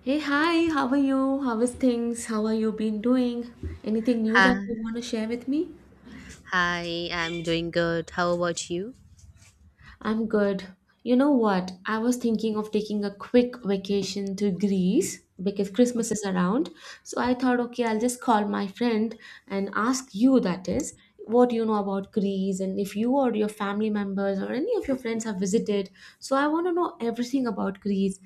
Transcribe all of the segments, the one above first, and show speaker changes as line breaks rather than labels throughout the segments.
Hey, hi, how are you? How is things? How are you been doing? Anything new that
Hi,
you want to share with me?
hi, I'm doing good. How about you?
I'm good. You know what? I was thinking of taking a quick vacation to Greece because Christmas is around. So I thought, okay, I'll just call my friend and ask you, that is, what you know about Greece and if you or your family members or any of your friends have visited. So I want to know everything about Greece.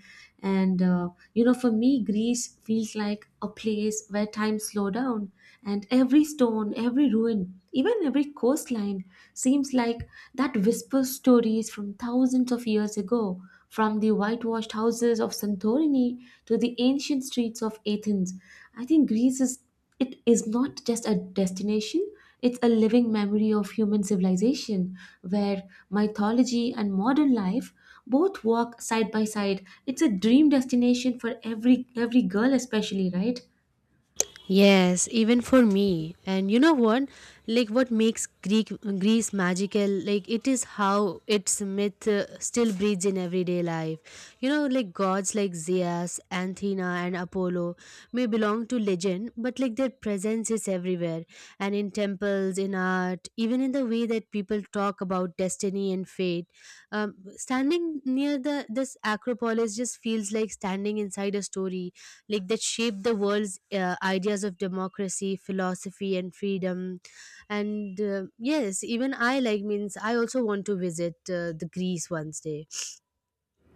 For me, Greece feels like a place where time slow down and every stone, every ruin even every coastline seems like that whispers stories from thousands of years ago, from the whitewashed houses of Santorini to the ancient streets of Athens. I think Greece is it is not just a destination, it's a living memory of human civilization where mythology and modern life both walk side by side. It's a dream destination for every girl especially, right?
Yes, even for me. And you know what? Like what makes Greek Greece magical? Like it is how its myth still breathes in everyday life. You know, like gods like Zeus, Athena and Apollo may belong to legend, but like their presence is everywhere and in temples, in art, even in the way that people talk about destiny and fate. Standing near the this Acropolis just feels like standing inside a story, like that shaped the world's ideas of democracy, philosophy, and freedom. And yes, even I like means I also want to visit the Greece one day.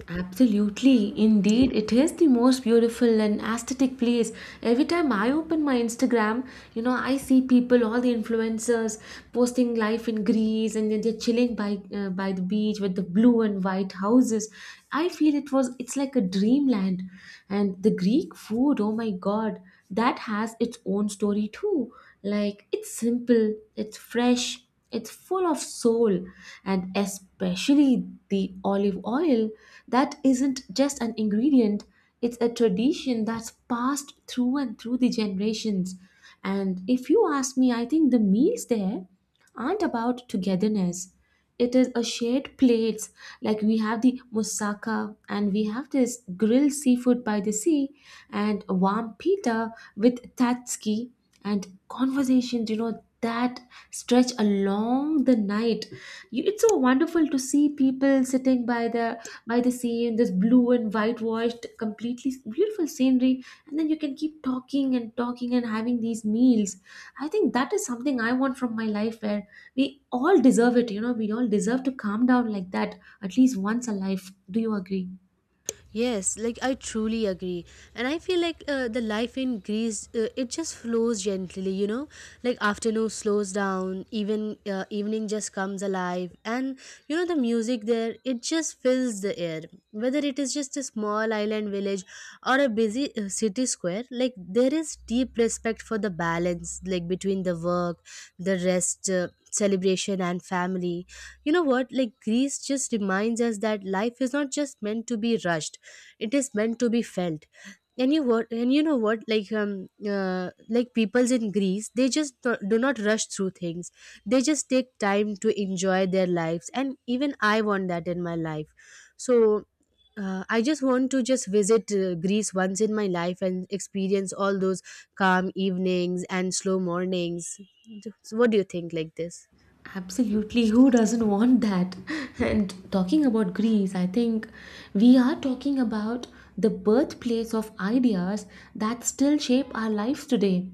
Absolutely. Indeed, it is the most beautiful and aesthetic place. Every time I open my Instagram, you know, I see people, all the influencers posting life in Greece, and then they're chilling by the beach with the blue and white houses. I feel it was it's like a dreamland. And the Greek food, oh my God, that has its own story too. Like it's simple, it's fresh, it's full of soul, and especially the olive oil that isn't just an ingredient, it's a tradition that's passed through the generations. And if you ask me, I think the meals there aren't about togetherness, it is a shared plates, like we have the moussaka and we have this grilled seafood by the sea and warm pita with tatsuki and conversations, you know, that stretch along the night. It's so wonderful to see people sitting by the sea in this blue and whitewashed, completely beautiful scenery, and then you can keep talking and talking and having these meals. I think that is something I want from my life, where we all deserve it. You know, we all deserve to calm down like that at least once a life. Do you agree?
Yes, like I truly agree. And I feel like the life in Greece it just flows gently, you know? Like afternoon slows down, even evening just comes alive and you know the music there it just fills the air. Whether it is just a small island village or a busy city square, like there is deep respect for the balance like between the work, the rest celebration and family. You know what, like Greece just reminds us that life is not just meant to be rushed, it is meant to be felt. And you what, and you know what, uh, like peoples in Greece, they just do not rush through things. They just take time to enjoy their lives, and even I want that in my life. So I just want to just visit Greece once in my life and experience all those calm evenings and slow mornings. So what do you think like this?
Absolutely, who doesn't want that? And talking about Greece, I think we are talking about the birthplace of ideas that still shape our lives today.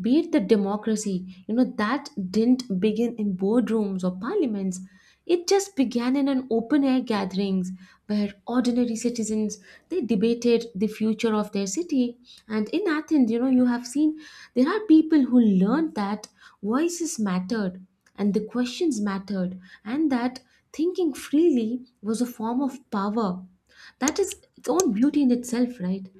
Be it the democracy, you know, that didn't begin in boardrooms or parliaments. It just began in an open air gatherings where ordinary citizens they debated the future of their city. And in Athens, you know, you have seen there are people who learned that voices mattered and the questions mattered, and that thinking freely was a form of power. That is its own beauty in itself, right?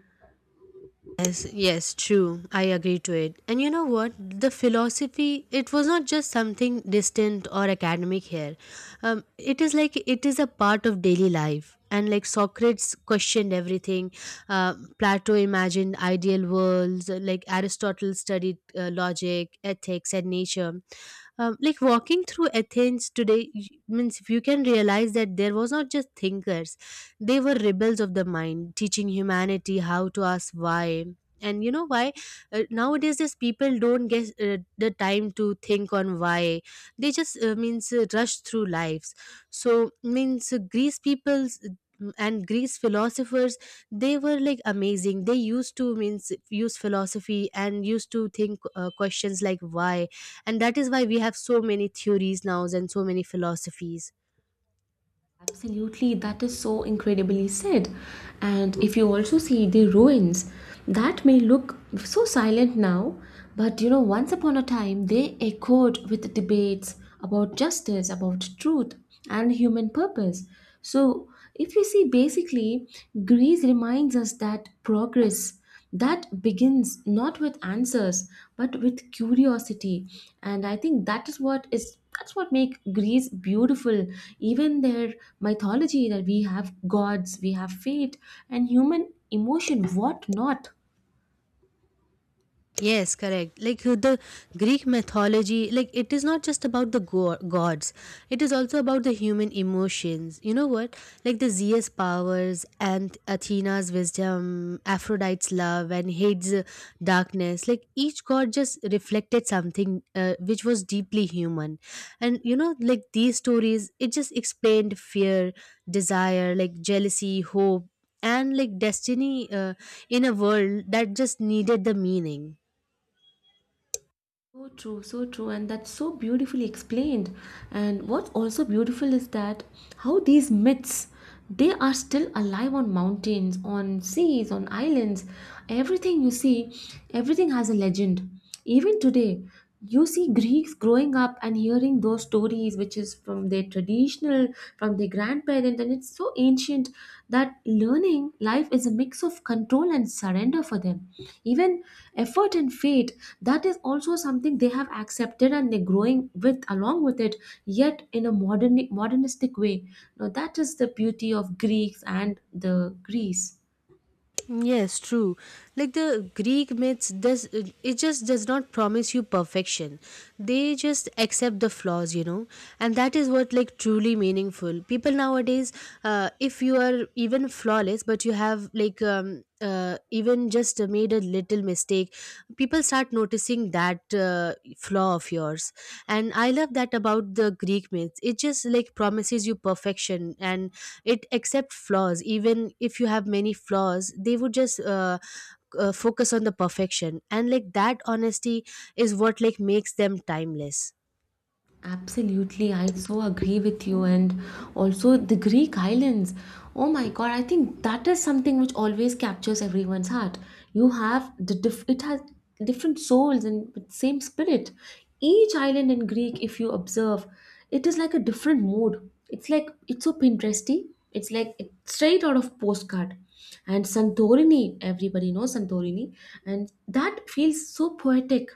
Yes, yes, true. I agree to it. And you know what? The philosophy, it was not just something distant or academic here. It is like it is a part of daily life. And like Socrates questioned everything, Plato imagined ideal worlds, like Aristotle studied logic, ethics, and nature. Like walking through Athens today, means if you can realize that there was not just thinkers, they were rebels of the mind, teaching humanity how to ask why. And you know why, nowadays these people don't get the time to think on why. They just means rush through lives. So means Greece people's, and Greece philosophers, they were like amazing. They used to means use philosophy and used to think questions like why, and that is why we have so many theories now and so many philosophies.
Absolutely, that is so incredibly said. And if you also see the ruins, that may look so silent now, but you know, once upon a time they echoed with debates about justice, about truth, and human purpose. So, if you see, basically, Greece reminds us that progress that begins not with answers but with curiosity. And I think that is what is that's what make Greece beautiful, even their mythology, that we have gods, we have fate and human emotion, what not.
Yes, correct. Like the Greek mythology, like it is not just about the gods, it is also about the human emotions. You know what? Like the Zeus' powers and Athena's wisdom, Aphrodite's love, and Hades' darkness. Like each god just reflected something which was deeply human. And you know, like these stories, it just explained fear, desire, like jealousy, hope, and like destiny in a world that just needed the meaning.
So true, so true, and that's so beautifully explained. And what's also beautiful is that how these myths they are still alive on mountains, on seas, on islands. Everything you see, everything has a legend. Even today, you see Greeks growing up and hearing those stories which is from their traditional, from their grandparent, and it's so ancient that learning life is a mix of control and surrender for them, even effort and fate, that is also something they have accepted and they're growing with along with it, yet in a modernistic way. Now that is the beauty of Greeks and the Greece.
Yes, true. Like the Greek myths, does it just does not promise you perfection. They just accept the flaws, you know, and that is what like truly meaningful. People nowadays, if you are even flawless, but you have like even just made a little mistake, people start noticing that flaw of yours. And I love that about the Greek myths. It just like promises you perfection, and it accepts flaws. Even if you have many flaws, they would just focus on the perfection, and like that honesty is what like makes them timeless.
Absolutely, I so agree with you. And also the Greek islands. Oh my God, I think that is something which always captures everyone's heart. You have the diff- It has different souls and with same spirit. Each island in Greek, if you observe, it is like a different mood. It's like it's so Pinteresty. It's like it's straight out of postcard. And Santorini, everybody knows Santorini, and that feels so poetic,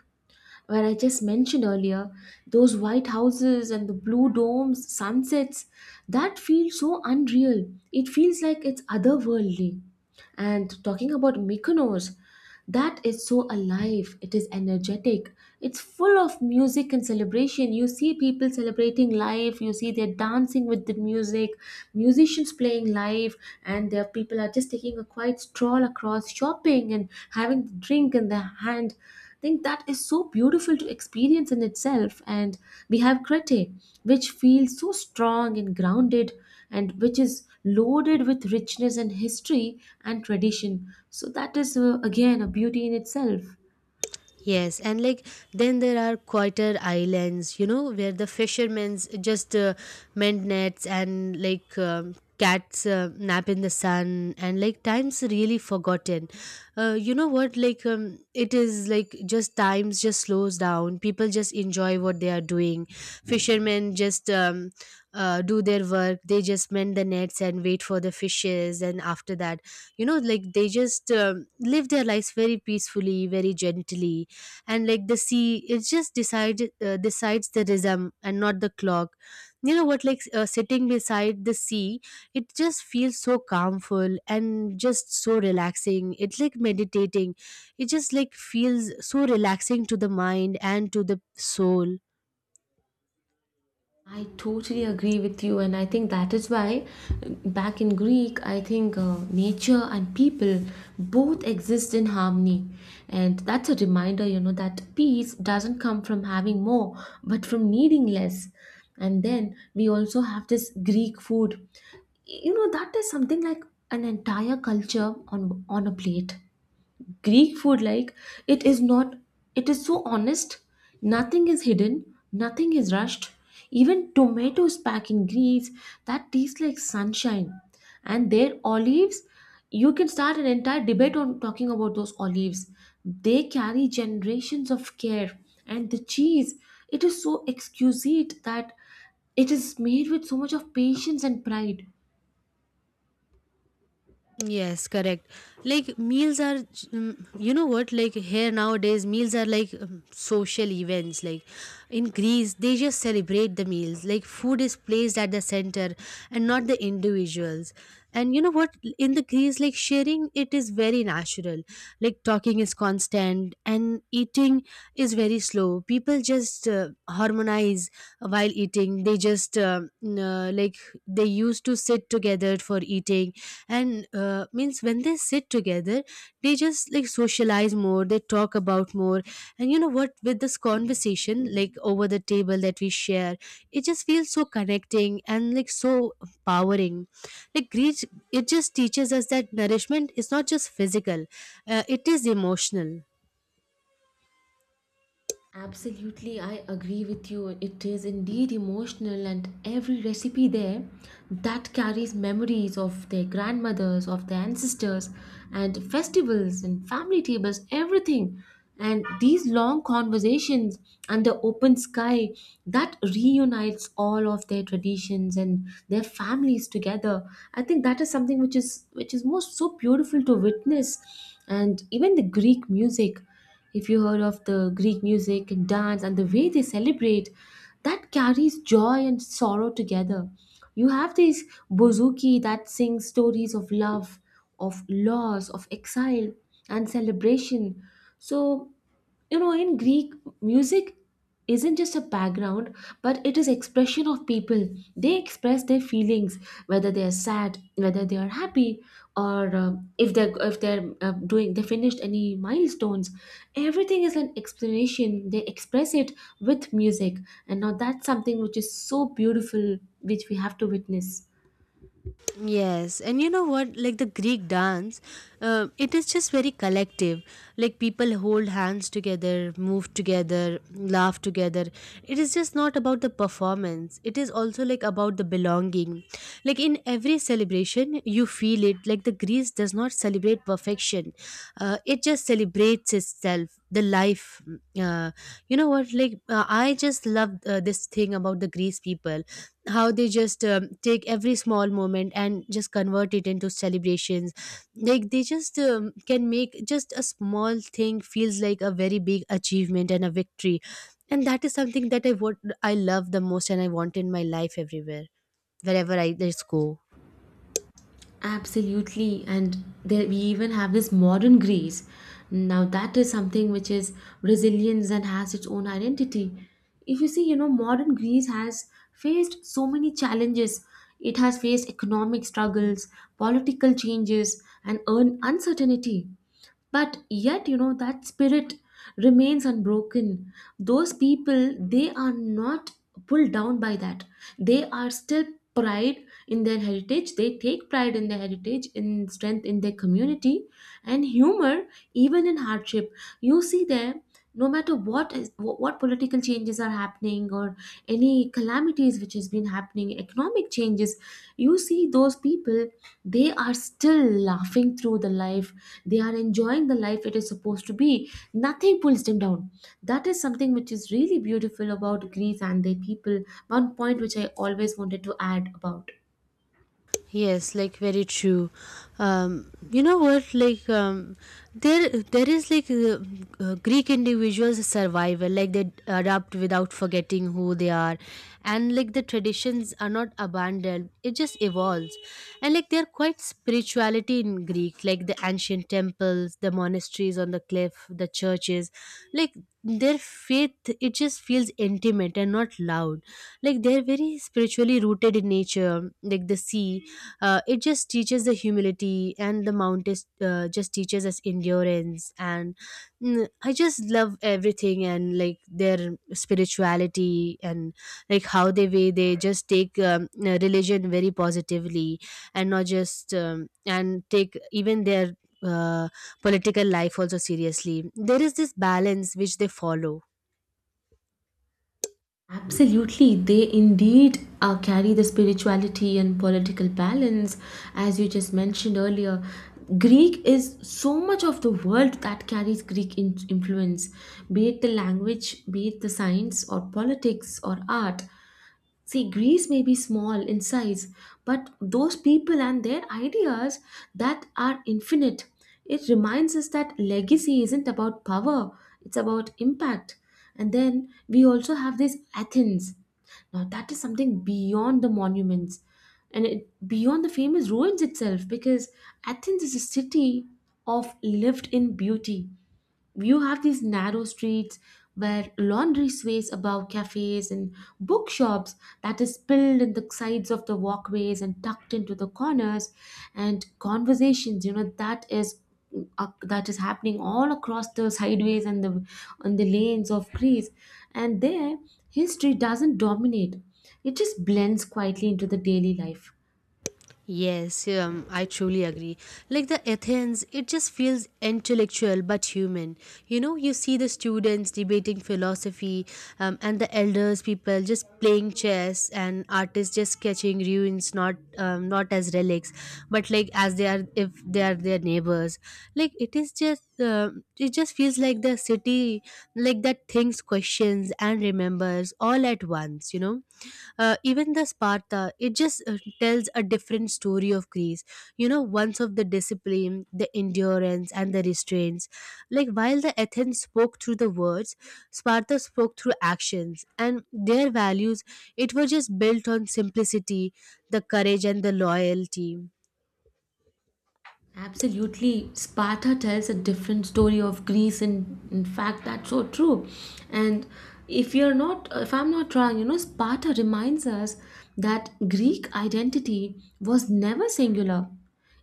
where I just mentioned earlier, those white houses and the blue domes, sunsets, that feels so unreal. It feels like it's otherworldly. And talking about Mykonos, that is so alive. It is energetic. It's full of music and celebration. You see people celebrating life. You see they're dancing with the music, musicians playing live, and their people are just taking a quiet stroll across, shopping and having the drink in their hand. I think that is so beautiful to experience in itself. And we have Crete, which feels so strong and grounded and which is loaded with richness and history and tradition. So that is again a beauty in itself.
Yes, and like then there are quieter islands, you know, where the fishermen's just mend nets, and like cats nap in the sun, and like time's really forgotten. You know what? Like it is like just times just slows down. People just enjoy what they are doing. Fishermen just do their work. They just mend the nets and wait for the fishes, and after that, you know, like they just live their lives very peacefully, very gently. And like the sea, it just decided decides the rhythm and not the clock. You know what, like sitting beside the sea, it just feels so calmful and just so relaxing. It's like meditating. It just like feels so relaxing to the mind and to the soul.
I totally agree with you, and I think that is why back in Greek, I think nature and people both exist in harmony. And that's a reminder, you know, that peace doesn't come from having more, but from needing less. And then we also have this Greek food. You know, that is something like an entire culture on a plate. Greek food, like it is not, it is so honest. Nothing is hidden, nothing is rushed. Even tomatoes packed in grease that taste like sunshine. And their olives, you can start an entire debate on talking about those olives. They carry generations of care. And the cheese, it is so exquisite that it is made with so much of patience and pride.
Yes, correct. Like meals are, you know what? Like here nowadays, meals are like social events. Like in Greece, they just celebrate the meals. Like food is placed at the center and not the individuals. And you know what? In the Greece, like sharing, it is very natural. Like talking is constant and eating is very slow. People just harmonize while eating. They just like they used to sit together for eating, and means when they sit together, they just like socialize more, they talk about more. And you know what, with this conversation like over the table that we share, it just feels so connecting and like so empowering. Like grief, it just teaches us that nourishment is not just physical, it is emotional.
Absolutely, I agree with you. It is indeed emotional, and every recipe there that carries memories of their grandmothers, of their ancestors, and festivals and family tables, everything. And these long conversations under open sky that reunites all of their traditions and their families together. I think that is something which is most so beautiful to witness, and even the Greek music. If you heard of the Greek music and dance and the way they celebrate, that carries joy and sorrow together. You have this bouzouki that sings stories of love, of loss, of exile, and celebration. So you know in Greek, music isn't just a background, but it is expression of people, they express their feelings, whether they are sad, whether they are happy, or if they're doing they finished any milestones, everything is an explanation, they express it with music. And now that's something which is so beautiful which we have to witness.
Yes, and you know what? Like the Greek dance, it is just very collective. Like people hold hands together, move together, laugh together. It is just not about the performance, it is also like about the belonging. Like in every celebration, you feel it. Like the Greece does not celebrate perfection, it just celebrates itself the life. You know what, like I just love this thing about the Greece people, how they just take every small moment and just convert it into celebrations. Like they just can make just a small thing feels like a very big achievement and a victory. And that is something that I love the most, and I want in my life everywhere, wherever I just go.
Absolutely, and there we even have this modern Greece. Now that is something which is Brazilians and has its own identity. If you see, you know, modern Greece has faced so many challenges. It has faced economic struggles, political changes, and uncertainty, but yet you know that spirit remains unbroken. Those people, they are not pulled down by that, they are still pride in their heritage, they take pride in their heritage, in strength, in their community and humor, even in hardship. You see there, no matter what is what political changes are happening or any calamities which has been happening, economic changes, you see those people, they are still laughing through the life, they are enjoying the life it is supposed to be, nothing pulls them down. That is something which is really beautiful about Greece and their people. One point which I always wanted to add about.
Yes, like very true. You know what? There is like Greek individuals survival. Like they adapt without forgetting who they are, and like the traditions are not abandoned. It just evolves, and like they're quite spirituality in Greek. Like the ancient temples, the monasteries on the cliff, the churches, like their faith. It just feels intimate and not loud. Like they're very spiritually rooted in nature, like the sea. It just teaches the humility, and the mount is, just teaches us endurance and, I just love everything, and like their spirituality, and like how they way they just take religion very positively, and not just and take even their uh, political life also seriously. There is this balance which they follow.
Absolutely, they indeed carry the spirituality and political balance, as you just mentioned earlier. Greek is so much of the world that carries Greek influence, be it the language, be it the science, or politics, or art. See, Greece may be small in size, but those people and their ideas that are infinite. It reminds us that legacy isn't about power, it's about impact. And then we also have this Athens. Now, that is something beyond the monuments and it, beyond the famous ruins itself, because Athens is a city of lived in beauty. You have these narrow streets where laundry sways above cafes and bookshops that is spilled in the sides of the walkways and tucked into the corners, and conversations, you know, that is happening all across the sideways and the on the lanes of Greece. And there, history doesn't dominate, it just blends quietly into the daily life.
Yes, I truly agree. Like the Athens, it just feels intellectual but human. You know, you see the students debating philosophy, and the elders, people just playing chess, and artists just sketching ruins, not as relics, but like as they are if they are their neighbors. Like it is just, it just feels like the city, like that thinks, questions, and remembers all at once. You know, even the Sparta, it just tells a different story of Greece, you know, once of the discipline, the endurance, and the restraints. Like while the Athens spoke through the words, Sparta spoke through actions, and their values, it was just built on simplicity, the courage, and the loyalty.
Absolutely. Sparta tells a different story of Greece, and in fact that's so true. And if I'm not wrong, you know, Sparta reminds us that Greek identity was never singular.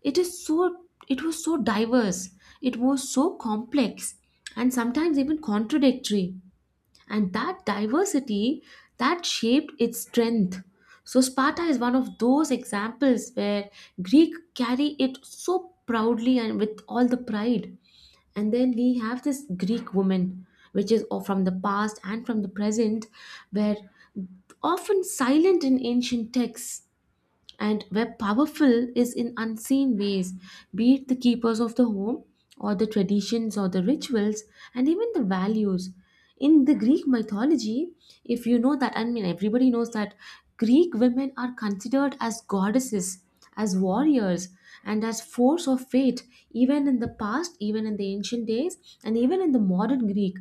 It is so it was so diverse. It was so complex and sometimes even contradictory, and that diversity that shaped its strength. So Sparta is one of those examples where Greek carry it so proudly and with all the pride. And then we have this Greek woman which is from the past and from the present, where often silent in ancient texts and were powerful is in unseen ways, be it the keepers of the home or the traditions or the rituals and even the values. In the Greek mythology, if you know that, I mean, everybody knows that Greek women are considered as goddesses, as warriors, and as force of fate, even in the past, even in the ancient days, and even in the modern Greek,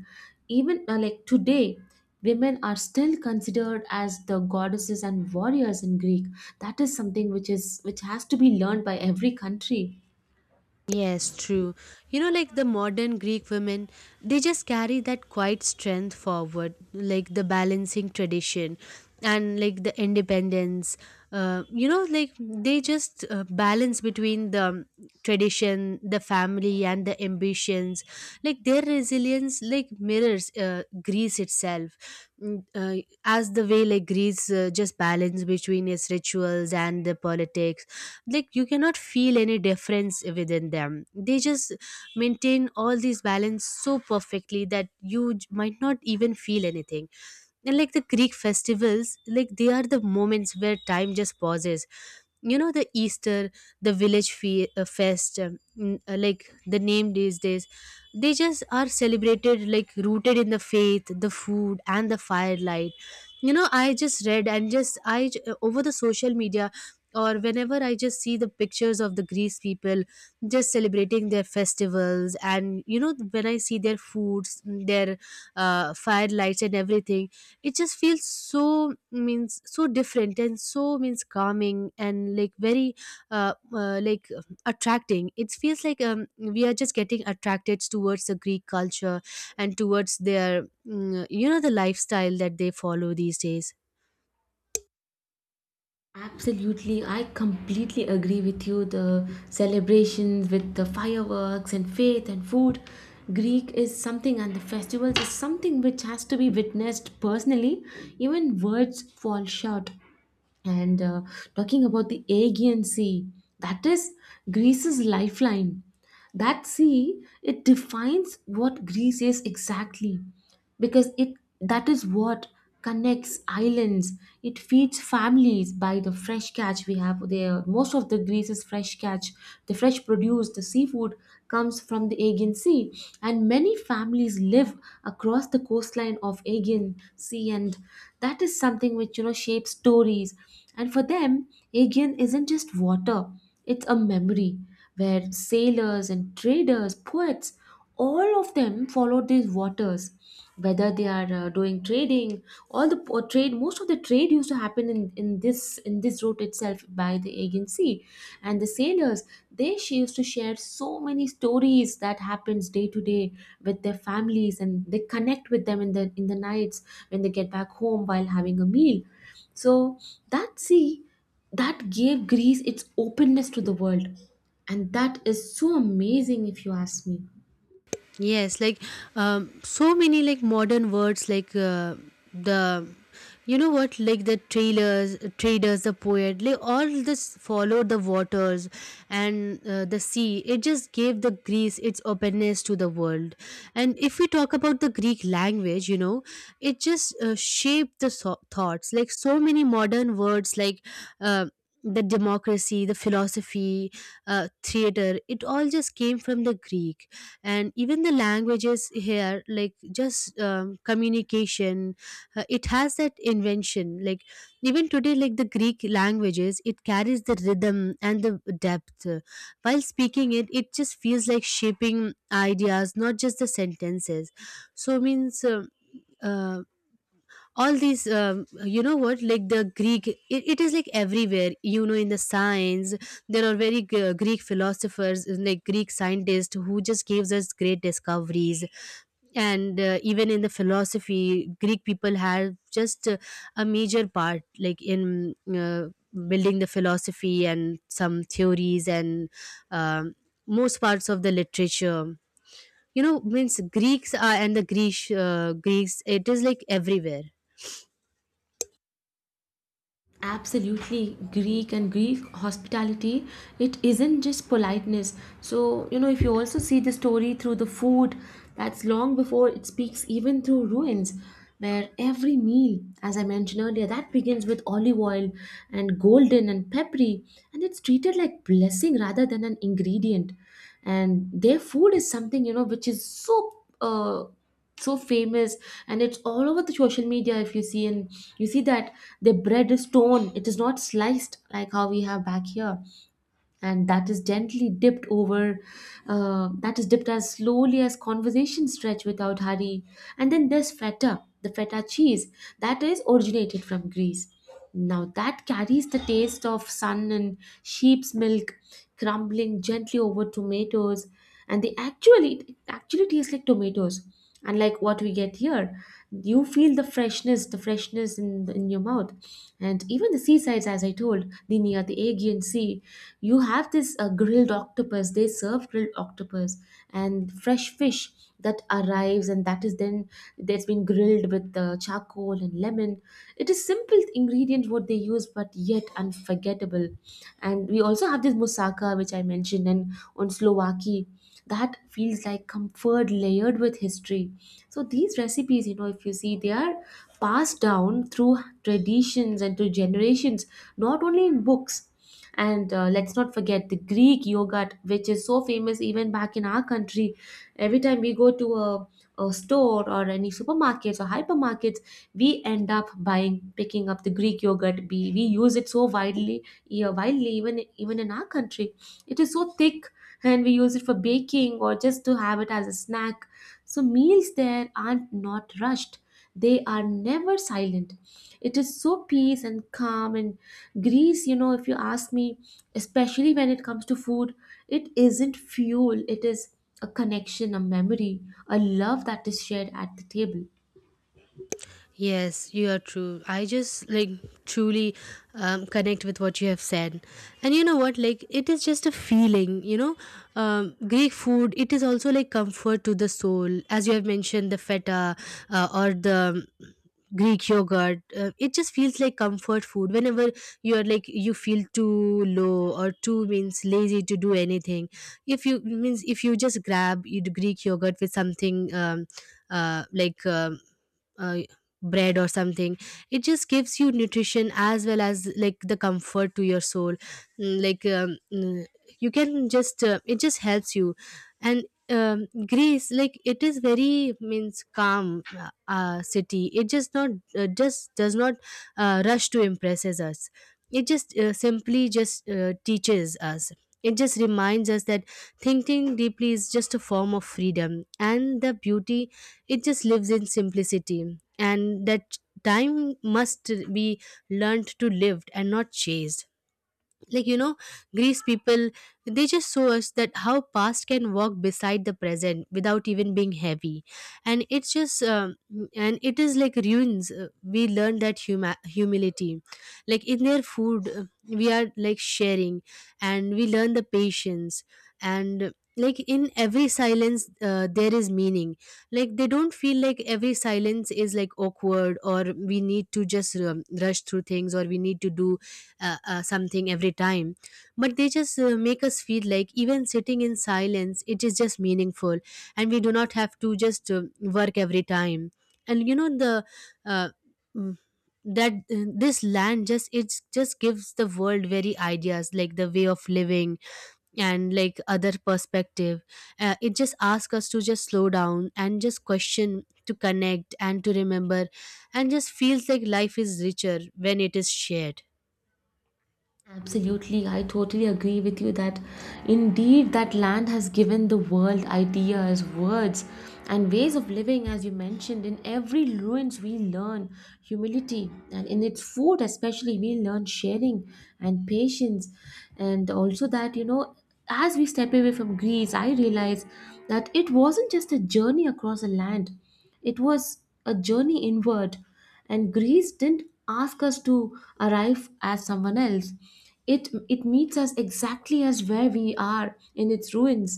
even like today women are still considered as the goddesses and warriors in Greek. That is something which is which has to be learned by every country.
Yes, true. You know, like the modern Greek women, they just carry that quiet strength forward, like the balancing tradition and like the independence. You know, like they just balance between the tradition, the family, and the ambitions. Like there is resilience like mirrors greece itself. As the way like greece just balance between its rituals and the politics, like you cannot feel any difference within them. They just maintain all these balance so perfectly that might not even feel anything. And like the greek festivals, like they are the moments where time just pauses. You know, the easter, the village like the name these days, they just are celebrated like rooted in the faith, the food and the firelight. You know, I just read and just over the social media, or whenever I just see the pictures of the greece people just celebrating their festivals, and you know when I see their foods, their firelights and everything, it just feels so means so different and so means calming, and like very attracting. It feels like we are just getting attracted towards the greek culture, and towards their you know, the lifestyle that they follow these days.
Absolutely, I completely agree with you. The celebrations with the fireworks and faith and food, Greek is something, and the festivals is something which has to be witnessed personally. Even words fall short. And talking about the Aegean Sea, that is Greece's lifeline. That sea, it defines what Greece is exactly, because it that is what connects islands. It feeds families by the fresh catch we have there. Most of the Greece's fresh catch, the fresh produce, the seafood comes from the Aegean Sea, and many families live across the coastline of Aegean Sea, and that is something which, you know, shapes stories. And for them, Aegean isn't just water; it's a memory where sailors and traders, poets, all of them followed these waters, whether they are doing trading. All the or trade, most of the trade used to happen in this route itself by the agency. And the sailors, they she used to share so many stories that happens day to day with their families, and they connect with them in the nights when they get back home while having a meal. So that sea, that gave Greece its openness to the world, and that is so amazing if you ask me.
Yes, like so many like modern words like the you know what like the trailers, traders, the poet, like all this followed the waters. And the sea, it just gave the greece its openness to the world. And if we talk about the greek language, you know, it just shaped the thoughts, like so many modern words like uh, the democracy, the philosophy, theater, it all just came from the greek. And even the languages here, like just communication, it has that invention. Like even today, like the greek languages, it carries the rhythm and the depth. While speaking it, it just feels like shaping ideas, not just the sentences. So means uh, all these you know what, like the greek, it is like everywhere. You know, in the science, there are very greek philosophers, like greek scientists who just gives us great discoveries. And even in the philosophy, greek people have just a major part, like in building the philosophy and some theories and um, most parts of the literature. You know, means greeks are, and the greek greeks, it is like everywhere.
Absolutely, Greek and Greek hospitality, it isn't just politeness. So you know, if you also see the story through the food, that's long before it speaks even through ruins, where every meal, as I mentioned earlier, that begins with olive oil and golden and peppery, and it's treated like blessing rather than an ingredient. And their food is something, you know, which is so uh, so famous, and it's all over the social media. If you see, and you see that the bread is torn, it is not sliced like how we have back here, and that is gently dipped over. That is dipped as slowly as conversation stretch without hurry. And then there's feta, the feta cheese, that is originated from Greece. Now, that carries the taste of sun and sheep's milk, crumbling gently over tomatoes, and they actually, it actually tastes like tomatoes unlike what we get here. You feel the freshness, the freshness in your mouth. And even the seasides, as I told, the near the Aegean Sea, you have this grilled octopus. They serve grilled octopus and fresh fish that arrives, and that is then, that's been grilled with charcoal and lemon. It is simple ingredients what they use, but yet unforgettable. And we also have this moussaka which I mentioned, and on Slovakia, that feels like comfort layered with history. So these recipes, you know, if you see, they are passed down through traditions and through generations, not only in books. And let's not forget the Greek yogurt, which is so famous even back in our country. Every time we go to a store or any supermarkets or hypermarkets, we end up picking up the Greek yogurt. We use it so widely, yeah, widely even in our country. It is so thick, and we use it for baking or just to have it as a snack. So meals there are not rushed. They are never silent. It is so peace and calm. And Greece, you know, if you ask me, especially when it comes to food, it isn't fuel, it is a connection, a memory, a love that is shared at the table.
Yes, you are true. I just like truly connect with what you have said. And you know what? Like, it is just a feeling, you know. Greek food, it is also like comfort to the soul. As you have mentioned, the feta or the Greek yogurt, it just feels like comfort food. Whenever you are like, you feel too low or too means lazy to do anything. If you means, if you just grab you Greek yogurt with something uh, like, um, uh, bread or something, it just gives you nutrition as well as like the comfort to your soul. Mm, like um, mm, you can just it just helps you. And um, greece, like it is very means calm uh, city. It just not just does not rush to impresses us. It just simply just teaches us. It just reminds us that thinking deeply is just a form of freedom, and the beauty, it just lives in simplicity, and that time must be learned to live and not chased. Like you know, greece people, they just show us that how past can walk beside the present without even being heavy. And it's just and it is like ruins, we learn that humility, like in their food, we are like sharing, and we learn the patience. And like in every silence, there is meaning. Like they don't feel like every silence is like awkward, or we need to just rush through things, or we need to do something every time. But they just make us feel like even sitting in silence, it is just meaningful, and we do not have to just work every time. And you know the uh, mm, that this land just, it just gives the world very ideas, like the way of living and like other perspective. It just asks us to just slow down and just question, to connect and to remember, and just feels like life is richer when it is shared.
Absolutely, I totally agree with you that indeed that land has given the world ideas, words, and ways of living, as you mentioned. In every ruins, we learn humility, and in its food, especially, we learn sharing and patience. And also, that you know, as we step away from Greece, I realize that it wasn't just a journey across a land, it was a journey inward. And Greece didn't ask us to arrive as someone else. It meets us exactly as where we are. In its ruins,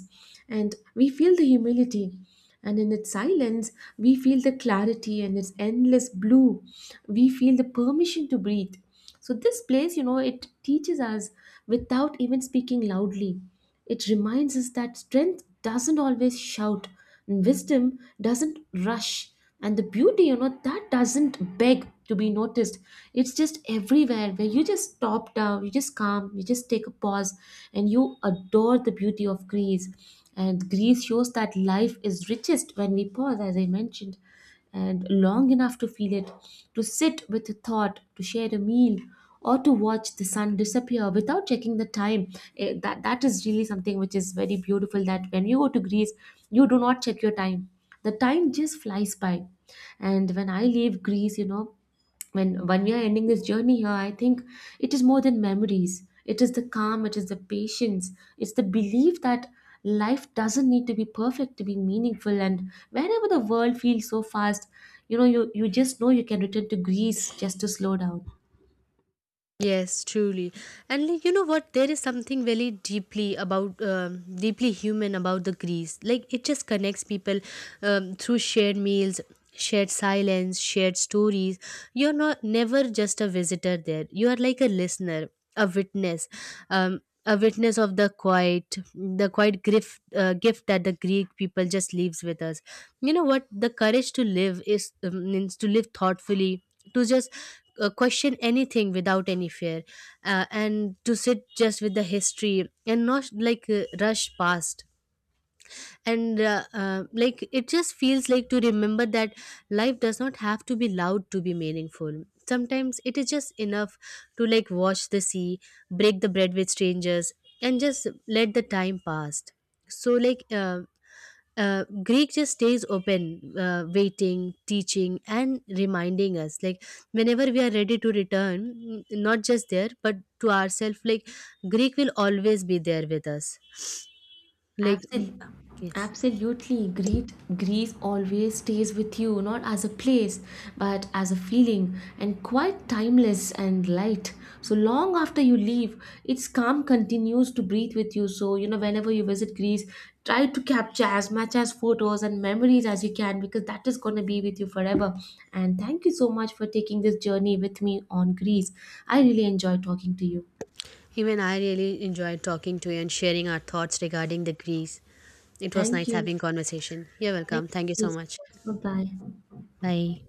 and we feel the humility, and in its silence, we feel the clarity, and its endless blue, we feel the permission to breathe. So this place, you know, it teaches us without even speaking loudly. It reminds us that strength doesn't always shout, and wisdom doesn't rush, and the beauty, you know, that doesn't beg to be noticed. It's just everywhere. Where you just stop down, you just calm, you just take a pause, and you adore the beauty of Greece. And Greece shows that life is richest when we pause, as I mentioned, and long enough to feel it, to sit with a thought, to share a meal, or to watch the sun disappear without checking the time. Eh, that is really something which is very beautiful, that when you go to Greece, you do not check your time. The time just flies by. And when I leave Greece, you know, when we are ending this journey here, I think it is more than memories. It is the calm, it is the patience, it's the belief that life doesn't need to be perfect to be meaningful. And wherever the world feels so fast, you know, you just know you can return to Greece just to slow down.
Yes, truly. And like, you know what? There is something very deeply about, deeply human about the Greece. Like it just connects people through shared meals, shared silence, shared stories. You're not never just a visitor there. You are like a listener, a witness, um, a witness of the quiet gift, gift that the Greek people just leaves with us. You know what? The courage to live is means to live thoughtfully, to just question anything without any fear, and to sit just with the history and not like rush past. And like it just feels like to remember that life does not have to be loud to be meaningful. Sometimes it is just enough to like watch the sea, break the bread with strangers, and just let the time pass. So like greek just stays open, waiting, teaching and reminding us, like whenever we are ready to return, not just there but to ourselves. Like greek will always be there with us, like
Absol-
yes.
Absolutely. Greece always stays with you, not as a place, but as a feeling, and quite timeless and light. So long after you leave, its calm continues to breathe with you. So, you know, whenever you visit Greece, try to capture as much as photos and memories as you can, because that is going to be with you forever. And thank you so much for taking this journey with me on Greece. I really enjoyed talking to you.
Even I really enjoyed talking to you and sharing our thoughts regarding the Greece. It was
Thank
nice
you.
having conversation. You're
Thank
welcome. Thank you
you
so much.
so much. Bye bye.
Bye.